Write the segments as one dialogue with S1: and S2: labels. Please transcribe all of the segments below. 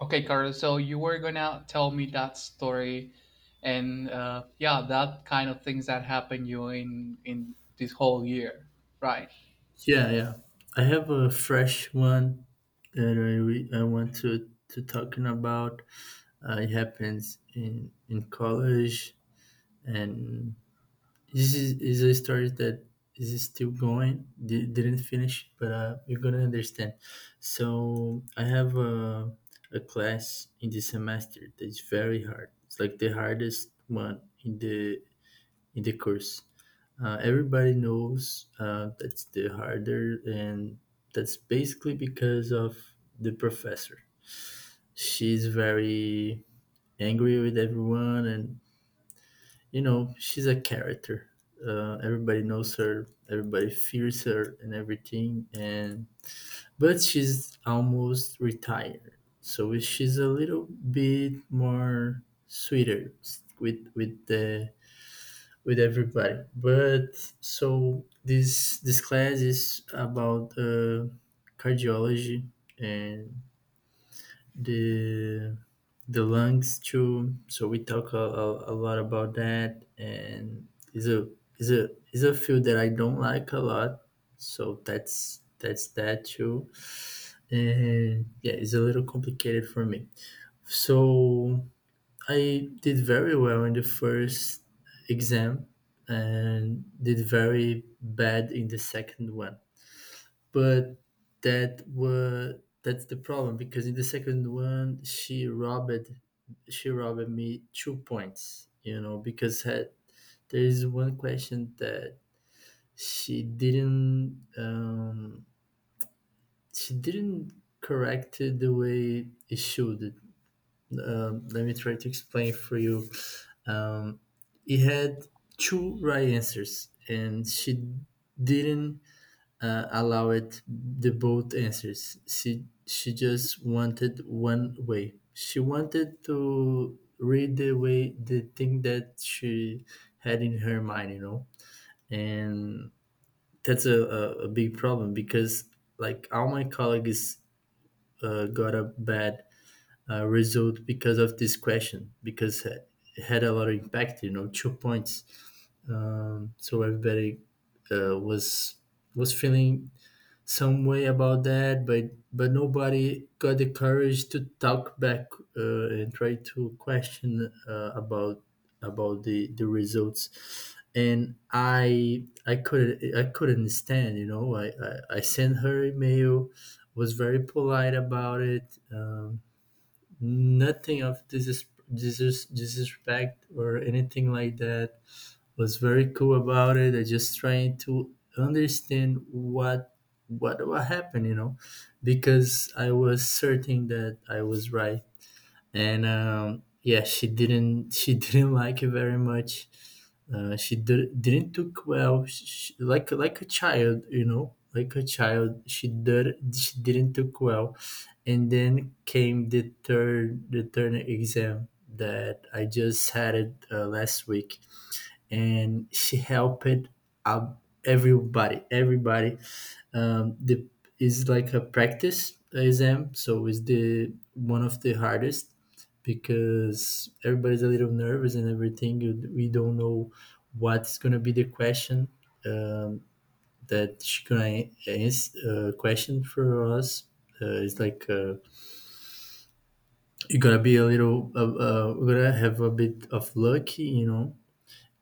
S1: Okay, Carlos. So you were gonna tell me that story, and yeah, that kind of things that happened you in this whole year, right?
S2: Yeah, yeah. I have a fresh one that I want to talking about. It happens in college, and this is a story that is still going. Didn't finish, but you're gonna understand. So I have a class in the semester that's very hard. It's like the hardest one in the course, everybody knows that's the harder, and that's basically because of the professor. She's very angry with everyone, and you know, she's a character. Everybody knows her, everybody fears her, and everything. And But she's almost retired, so she's a little bit more sweeter with the with everybody. But so this class is about cardiology and the the lungs too. So we talk a lot about that, and is a field that I don't like a lot. So that's that too, and yeah, it's a little complicated for me. So I did very well in the first exam and did very bad in the second one. But that's the problem because in the second one she robbed me 2 points, you know, because there is one question that she didn't um, she didn't correct it the way it should. Let me try to explain for you. Um, he had two right answers, and she didn't allow it the both answers. She just wanted one way. She wanted to read the way the thing that she had in her mind, you know, and that's a big problem because like all my colleagues got a bad result because of this question because it had a lot of impact, you know, 2 points. So everybody uh, was was feeling some way about that, but nobody got the courage to talk back, and try to question about the results, and I couldn't, I couldn't stand, you know. I sent her email, was very polite about it, um, nothing of this disrespect or anything like that. Was very cool about it, I just trying to understand what what happened, you know, because I was certain that I was right. And yeah, she didn't like it very much. Didn't took well, she, like a child, you know, like a child. She didn't took well, and then came the third exam that I just had it last week, and she helped out everybody. The is like a practice exam, so it's the one of the hardest because everybody's a little nervous and everything. We don't know what's gonna be the question, um, that she gonna answer question for us. It's like, you're gonna be a little, we're gonna have a bit of luck, you know.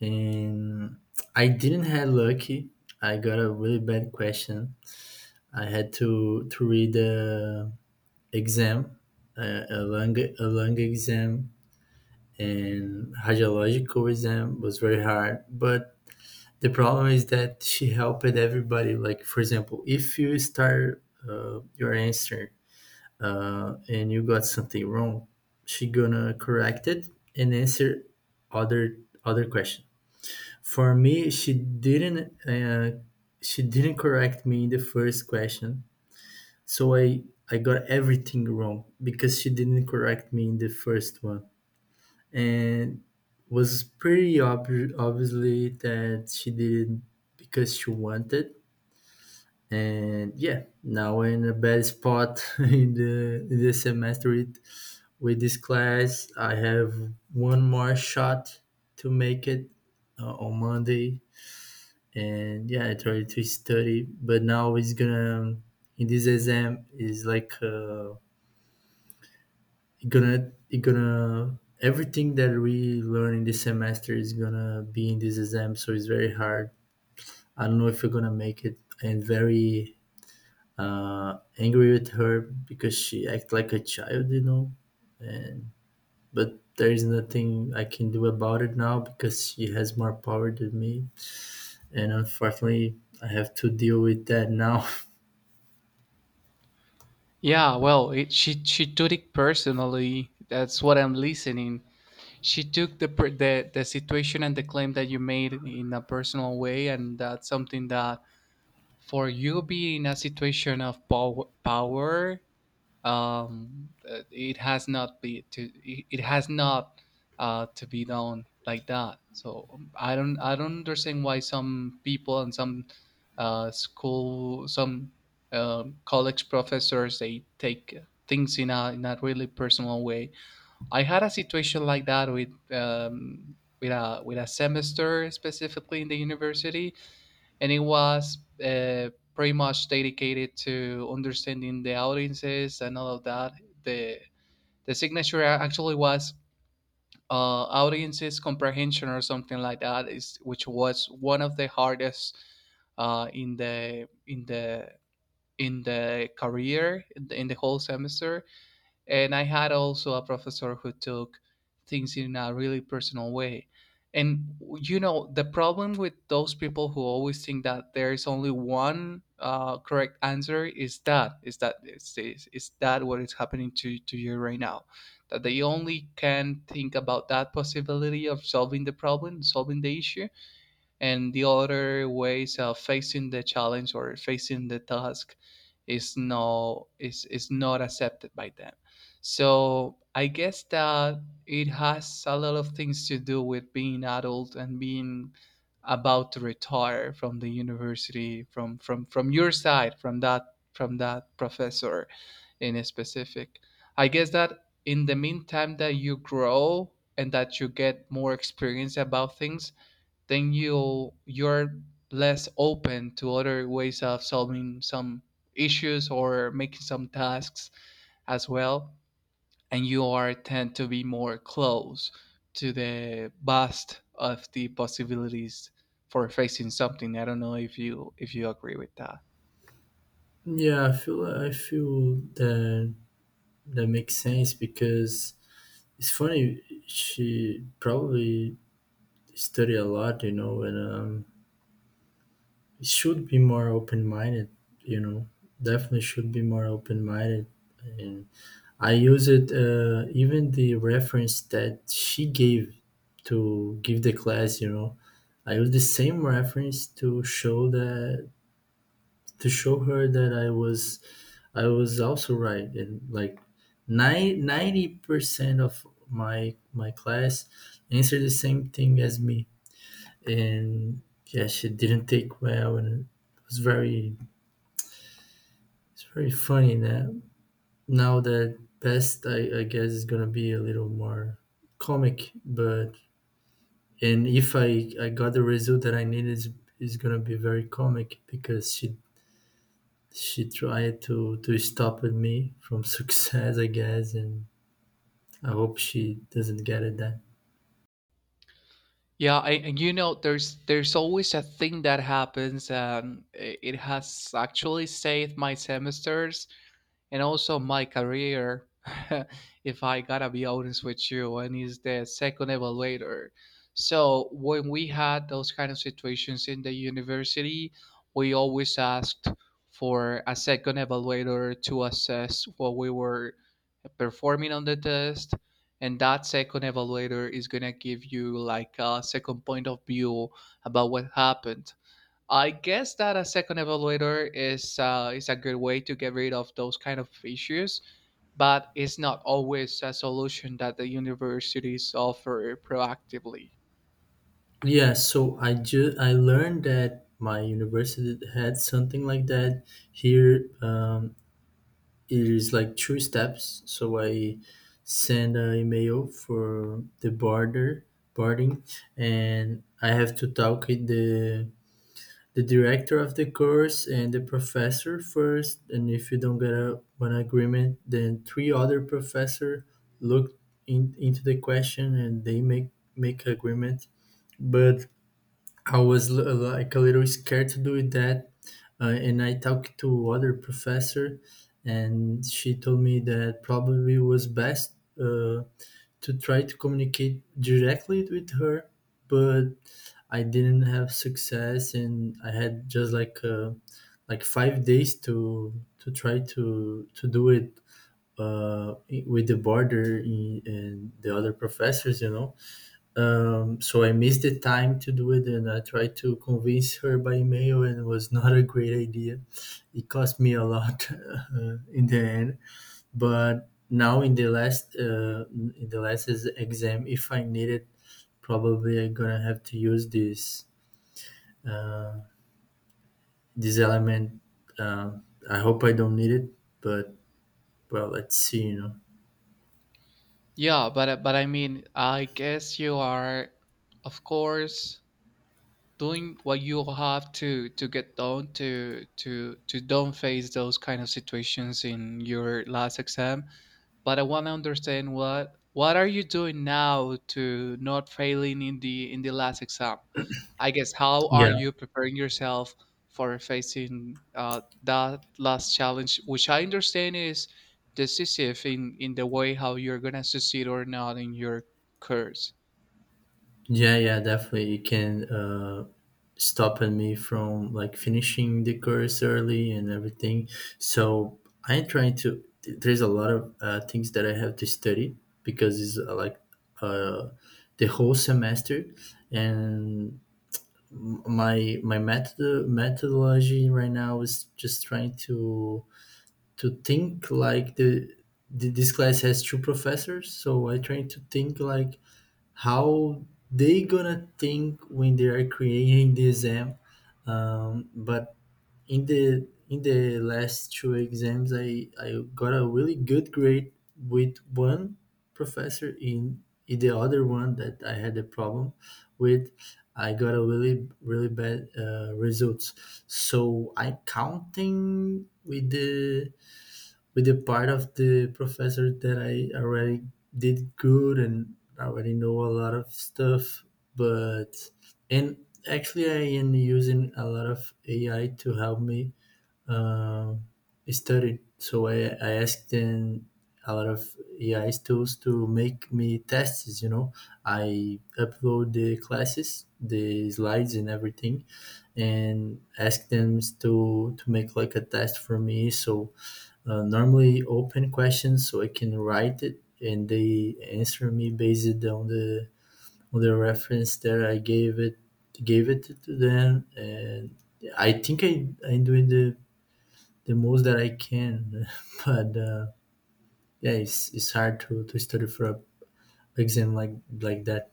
S2: And I didn't have lucky. I got a really bad question. I had to read the exam, a lung exam and radiological exam, was very hard. But the problem is that she helped everybody. Like for example, if you start your answer, and you got something wrong, she gonna correct it and answer other other question. For me, uh, she didn't correct me in the first question, so I got everything wrong because she didn't correct me in the first one, and was pretty obviously that she did it because she wanted. And yeah, now we're in a bad spot in the semester with this class. I have one more shot to make it, on Monday, and yeah, I tried to study, but now it's gonna in this exam is like. It gonna everything that we learn in this semester is gonna be in this exam, so it's very hard. I don't know if you're gonna make it, and very angry with her because she act like a child, you know. And But there is nothing I can do about it now because she has more power than me, and unfortunately I have to deal with that now.
S1: Yeah. Well, she took it personally. That's what I'm listening. She took the situation and the claim that you made in a personal way, and that's something that for you being in a situation of power it has not be to it has not to be done like that, so I don't understand why some people and some school some college professors they take things in a really personal way. I had a situation like that with a semester specifically in the university, and it was pretty much dedicated to understanding the audiences and all of that. The the signature actually was audiences comprehension or something like that, is which was one of the hardest in the in the in the career in in the whole semester, and I had also a professor who took things in a really personal way. And you know, the problem with those people who always think that there is only one correct answer is is that what is happening to you right now? That they only can think about that possibility of solving the problem, solving the issue, and the other way is facing the challenge or facing the task is is not accepted by them. So I guess that it has a lot of things to do with being adult and being about to retire from the university from from your side from that professor in a specific. I guess that in the meantime that you grow and that you get more experience about things, then you're less open to other ways of solving some issues or making some tasks as well, and you are tend to be more close to the vast of the possibilities for facing something. I don't know if you agree with that.
S2: Yeah, I feel that that makes sense because it's funny, she probably studied a lot, you know, and should be more open minded, you know, definitely should be more open minded. And I use it, even the reference that she gave to give the class, you know, I use the same reference to show that, to show her that I was also right, and like 90% of my class answered the same thing as me, and yeah, she didn't take well, and it was very it's very funny now. Now that best, I guess, is gonna be a little more comic, but and if I got the result that I needed is gonna be very comic because she tried to stop at me from success, I guess, and I hope she doesn't get it then.
S1: Yeah, and you know, there's always a thing that happens, and it has actually saved my semesters and also my career if I gotta be honest with you, and he's the second evaluator. So when we had those kind of situations in the university, we always asked for a second evaluator to assess what we were performing on the test, and that second evaluator is going to give you like a second point of view about what happened. I guess that a second evaluator is a good way to get rid of those kind of issues, but it's not always a solution that the universities offer proactively.
S2: Yeah, so I learned that my university had something like that. Here, it is like two steps. So I send an email for the border boarding, and I have to talk with the director of the course and the professor first, and if you don't get a, an agreement, then three other professor look into the question, and they make agreement. But I was like a little scared to do that, and I talked to other professor, and she told me that probably was best uh, to try to communicate directly with her, but I didn't have success, and I had just like 5 days to try to do it, uh, with the border in, and the other professors, you know. So I missed the time to do it, and I tried to convince her by email, and it was not a great idea. It cost me a lot in the end, but now in the last, in the exam, if I need it, probably I'm gonna have to use uh, this element. Uh, I hope I don't need it, but well, let's see, you know.
S1: Yeah, but I mean, I guess you are, of course, doing what you have to get done to to don't face those kind of situations in your last exam. But I want to understand what are you doing now to not failing in the last exam? I guess how are
S2: Yeah,
S1: you preparing yourself for facing that last challenge, which I understand is decisive in the way how you're gonna succeed or not in your course.
S2: yeah, yeah, definitely. You can stopping me from like finishing the course early and everything. So I'm trying to. There's a lot of things that I have to study because it's like, uh, the whole semester, and my methodology right now is just trying to think like the. This class has two professors, so I try to think like how they gonna think when they are creating the exam, but in the last two exams i got a really good grade with one professor in the other one that I had a problem with, I got a really really bad results. So I'm counting with the part of the professor that I already did good and already know a lot of stuff, but and actually I am using a lot of AI to help me uh, study. So I asked them a lot of AI tools to make me tests. You know, I upload the classes, the slides, and everything, and ask them to make like a test for me. So normally open questions so I can write it and they answer me based on the reference that I gave it to them. And I think I'm doing the most that I can but yeah it's hard to study for a exam like that.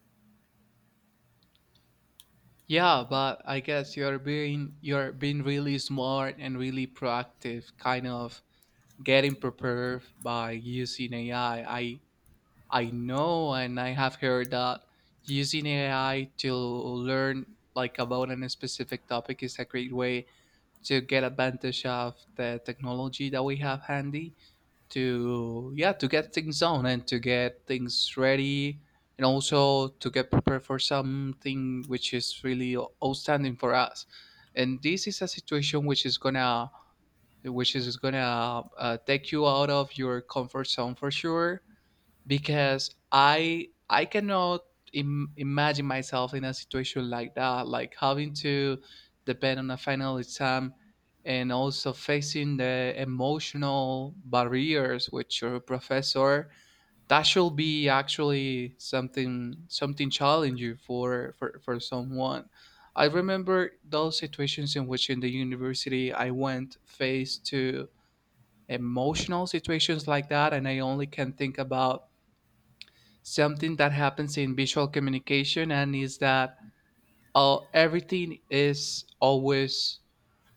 S1: Yeah, but I guess you're being really smart and really proactive, kind of getting prepared by using AI. I know, and I have heard that using AI to learn like about a specific topic is a great way to get advantage of the technology that we have handy to yeah to get things on and to get things ready, and also to get prepared for something which is really outstanding for us. And this is a situation which is gonna take you out of your comfort zone for sure, because I cannot imagine myself in a situation like that, like having to depend on a final exam and also facing the emotional barriers with your professor. That should be actually something something challenging for for someone. I remember those situations in which in the university I went faced to emotional situations like that, and I only can think about something that happens in visual communication, and is that everything is always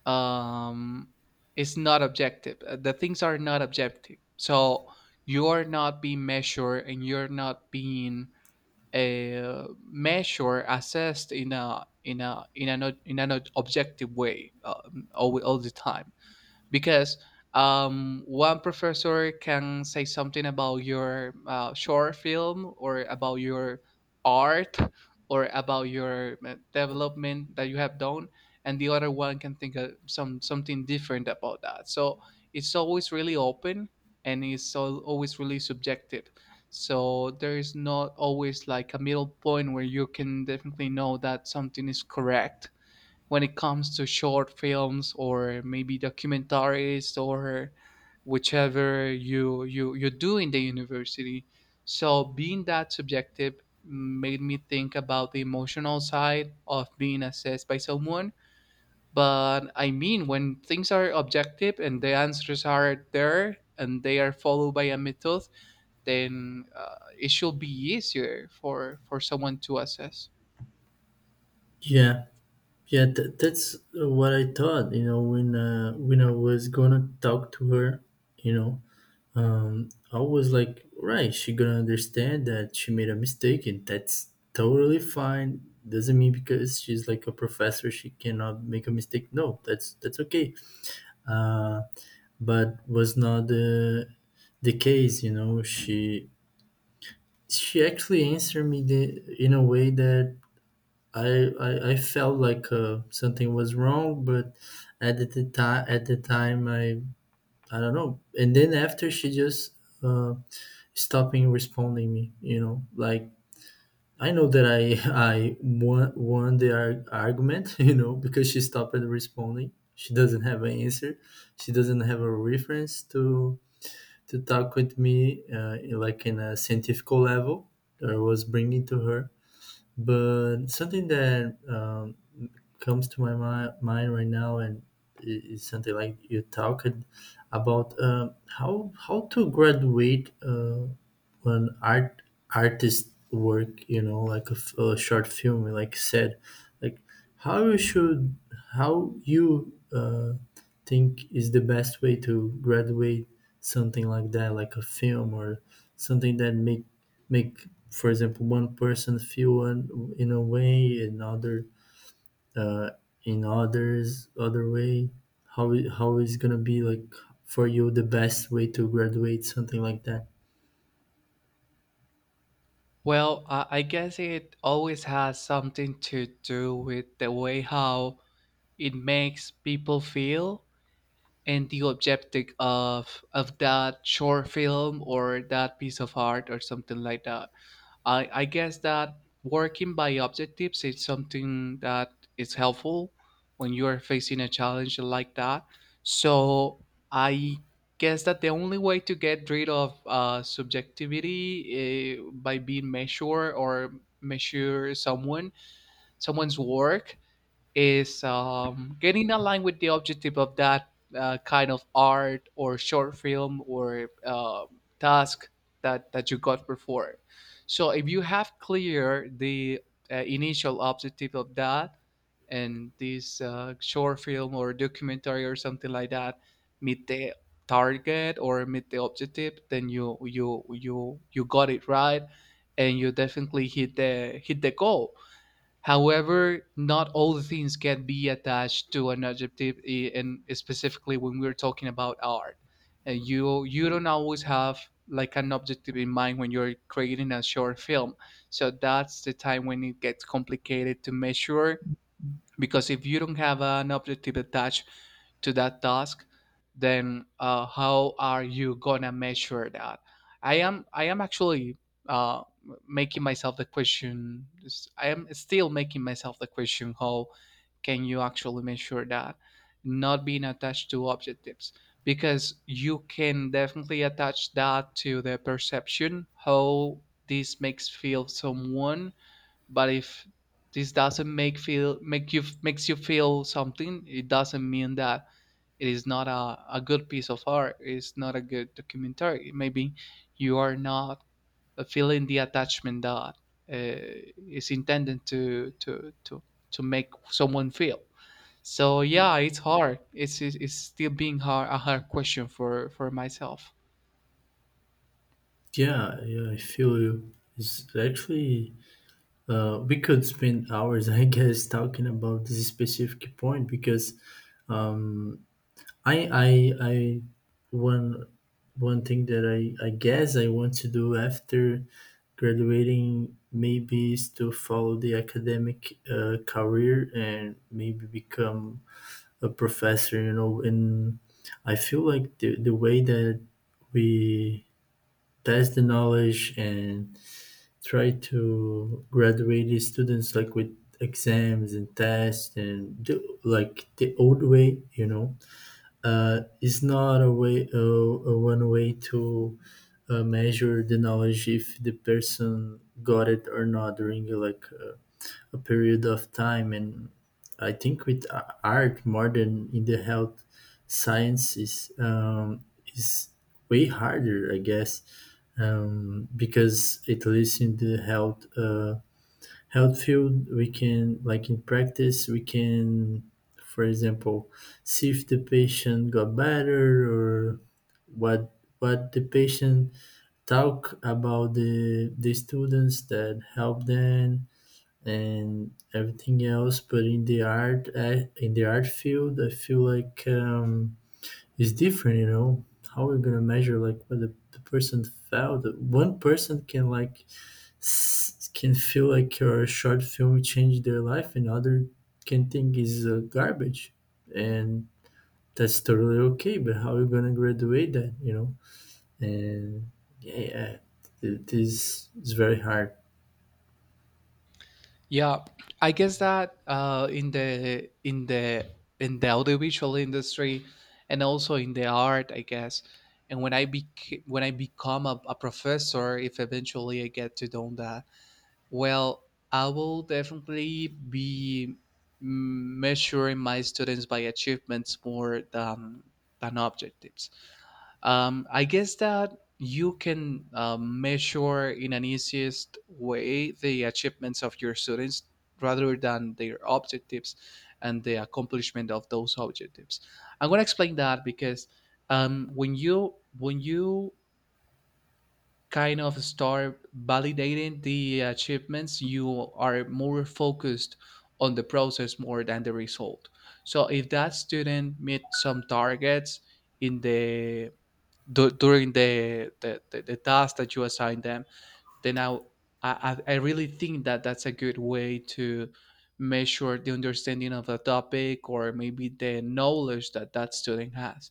S1: um, is not objective. The things are not objective. So you're not being measured and you're not being assessed in a in a in an in an objective way all the time, because one professor can say something about your short film or about your art or about your development that you have done, and the other one can think of something different about that. So it's always really open, and always really subjective, so there is not always like a middle point where you can definitely know that something is correct when it comes to short films or maybe documentaries or whichever you do in the university. So being that subjective made me think about the emotional side of being assessed by someone. But I mean, when things are objective and the answers are there and they are followed by a method, then it should be easier for someone to assess.
S2: Yeah, yeah, that's what I thought, you know, when I was gonna talk to her, you know. I was like, right, she gonna understand that she made a mistake, and that's totally fine. Doesn't mean because she's like a professor, she cannot make a mistake. No, that's okay. Uh, but was not the case, you know. She actually answered me the, in a way that I felt like something was wrong, but at the time I don't know. And then after she just. Uh, Stopping responding me, you know, like I know that I I won won the argument you know because she stopped responding, she doesn't have an answer, she doesn't have a reference to talk with me like in a scientific level that I was bringing to her. But something that comes to my mind right now, and is something like you talked about, how to graduate, when art artist work, you know, like a, a short film like said, like, how you should, how you think is the best way to graduate something like that, like a film or something that make, for example, one person feel one in a way, another uh, in other way, how how is gonna be like for you the best way to graduate something like that?
S1: Well, I guess it always has something to do with the way how it makes people feel and the objective of that short film or that piece of art or something like that. I guess that working by objectives is something that is helpful when you are facing a challenge like that. So I guess that the only way to get rid of subjectivity by being measured or measure someone's work is getting aligned with the objective of that kind of art or short film or task that you got before. So if you have clear the initial objective of that, and this short film or documentary or something like that meet the target or meet the objective, then you got it right and you definitely hit the goal. However, not all the things can be attached to an adjective, and specifically when we're talking about art. And you don't always have like an objective in mind when you're creating a short film. So that's the time when it gets complicated to measure, because if you don't have an objective attached to that task, then how are you gonna measure that? I am actually uh, making myself the question. I am still making myself the question: how can you actually measure that, not being attached to objectives? Because you can definitely attach that to the perception how this makes feel someone. But if this doesn't make feel make you makes you feel something, it doesn't mean that it is not a good piece of art, it's not a good documentary. Maybe you are not feeling the attachment that uh, is intended to to make someone feel. So yeah, it's hard, it's still being hard, a hard question for myself.
S2: Yeah, yeah, I feel you. It's actually we could spend hours, I guess, talking about this specific point because um, I, I, I, one, one thing that I guess I want to do after graduating maybe is to follow the academic career and maybe become a professor. You know, and I feel like the way that we pass the knowledge and try to graduate the students like with exams and tests and do like the old way, you know, it's not a way a one way to measure the knowledge if the person got it or not during like, a period of time. And I think with art more than in the health sciences, is way harder, I guess, because at least in the health, health field, we can, like in practice, we can, for example, see if the patient got better, or what the patient talk about the students that help them, and everything else. But in the art, eh, in the art field, I feel like, it's different. You know, how we're gonna measure like what the person felt. One person can like, can feel like your short film changed their life, and other can think is garbage, and that's totally okay, but how you gonna graduate that, you know. And yeah, yeah, it is, it's very hard.
S1: Yeah, I guess that in the in the in the audiovisual industry and also in the art, I guess. And when I when I become a professor, if eventually I get to do that, well, I will definitely be mm, measuring my students by achievements more than objectives. I guess that you can measure in an easiest way the achievements of your students rather than their objectives and the accomplishment of those objectives. I'm going to explain that, because when you kind of start validating the achievements, you are more focused on the process more than the result. So if that student meet some targets in the during the the task that you assign them, then I really think that that's a good way to measure the understanding of a topic or maybe the knowledge that that student has.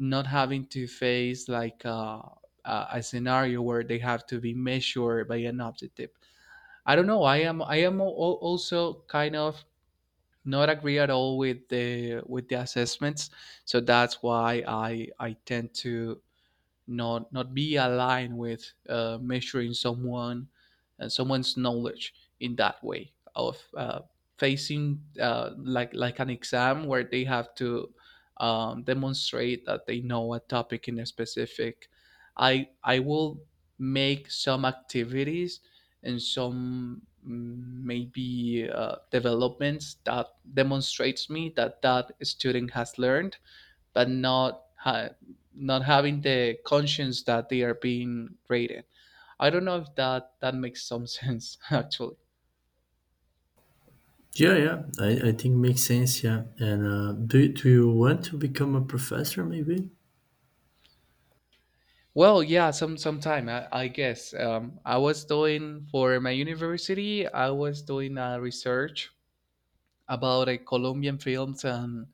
S1: Not having to face like a scenario where they have to be measured by an objective. I don't know. I am also kind of not agree at all with the assessments. So that's why I tend to not be aligned with measuring someone someone's knowledge in that way of facing like an exam where they have to demonstrate that they know a topic in a specific. I will make some activities and some mm, maybe developments that demonstrates me that that student has learned, but not having the conscience that they are being rated. I don't know if that makes some sense actually.
S2: Yeah, yeah, I think makes sense. Yeah. And do you want to become a professor maybe?
S1: Well, yeah, some sometime I guess. I was doing for my university. I was doing a research about a Colombian films and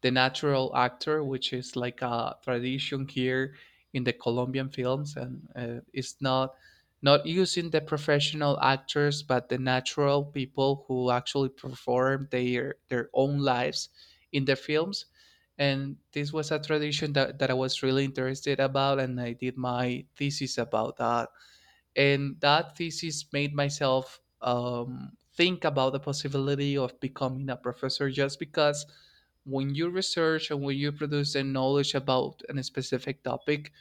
S1: the natural actor, which is like a tradition here in the Colombian films, and it's not using the professional actors, but the natural people who actually perform their own lives in the films. And this was a tradition that I was really interested about, and I did my thesis about that, and that thesis made myself think about the possibility of becoming a professor just because when you research and when you produce the knowledge about a specific topic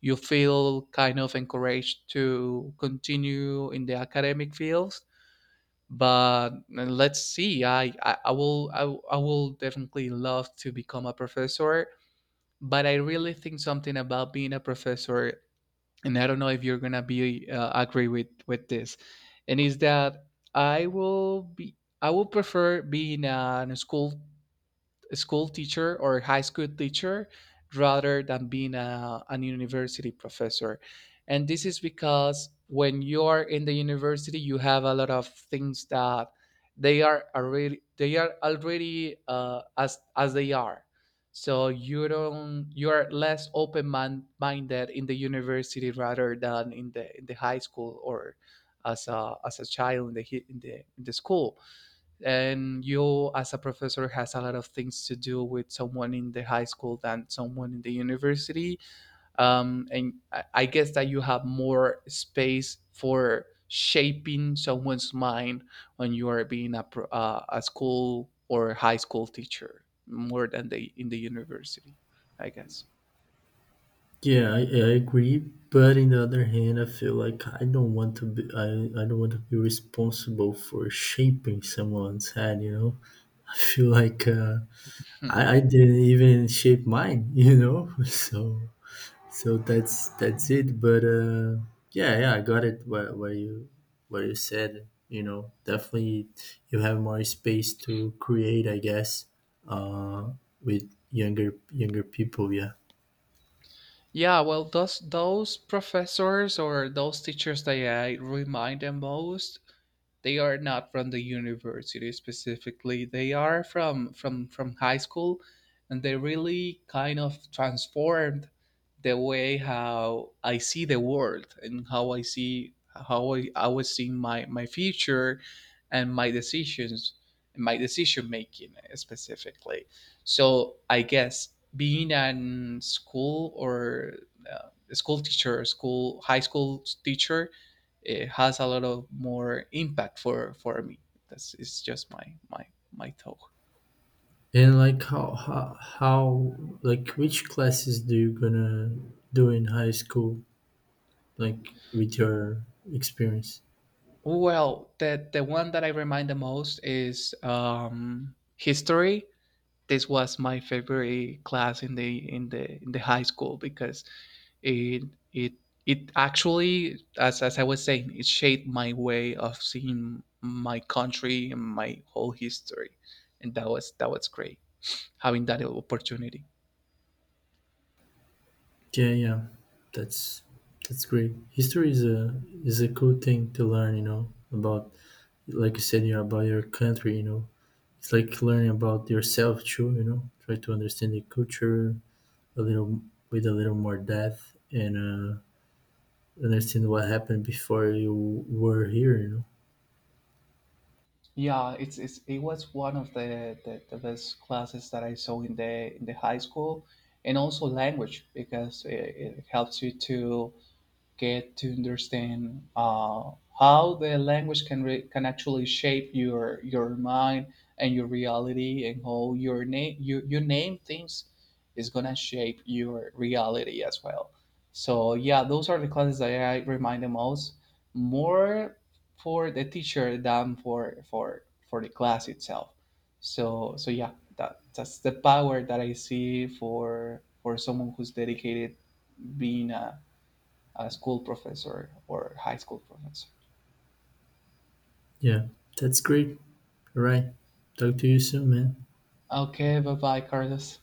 S1: you feel kind of encouraged to continue in the academic fields. But let's see, I will definitely love to become a professor, but I really think something about being a professor. And I don't know if you're gonna be agree with this, and is that I will be I will prefer being in a school teacher or high school teacher rather than being a, an university professor. And this is because when you are in the university, you have a lot of things that they are already as they are. So you don't you are less open mind, minded in the university rather than in the high school, or as a child in the in the school. And you as a professor has a lot of things to do with someone in the high school than someone in the university. And I guess that you have more space for shaping someone's mind when you are being a, a school or high school teacher more than they in the university, I guess.
S2: Yeah, I agree. But in the other hand, I feel like I don't want to be responsible for shaping someone's head. You know, I feel like,
S1: Hmm.
S2: I didn't even shape mine. You know, so so that's it. But yeah, yeah, I got it. What what you said. You know, definitely you have more space to create. I guess uh, with younger people. Yeah.
S1: Yeah, well, those professors or those teachers that I remind the most, they are not from the university specifically. They are from high school, and they really kind of transformed the way how I see the world and how I see how I was seeing my my future and my decisions, my decision making specifically. So I guess being an school or a school teacher, school high school teacher, it has a lot of more impact for me. That's it's just my thought.
S2: And like how, like which classes do you gonna do in high school, like with your experience?
S1: Well, the one that I remind the most is history. This was my favorite class in the in the in the high school, because it it it actually, as I was saying, it shaped my way of seeing my country and my whole history, and that was great having that opportunity.
S2: Yeah, yeah. That's that's great. History is a cool thing to learn, you know, about like you said, yeah, about your country, you know. It's like learning about yourself too, you know. Try to understand the culture a little with a little more depth, and understand what happened before you were here, you know.
S1: Yeah it's it was one of the best classes that I saw in the high school. And also language, because it helps you to get to understand how the language can actually shape your mind and your reality, and how your name you name things is gonna shape your reality as well. So yeah, those are the classes that I remind the most, more for the teacher than for the class itself. So yeah, that's the power that I see for someone who's dedicated, being a school professor or high school professor.
S2: Yeah. That's great. All right. Talk to you soon, man.
S1: Okay, bye bye, Carlos.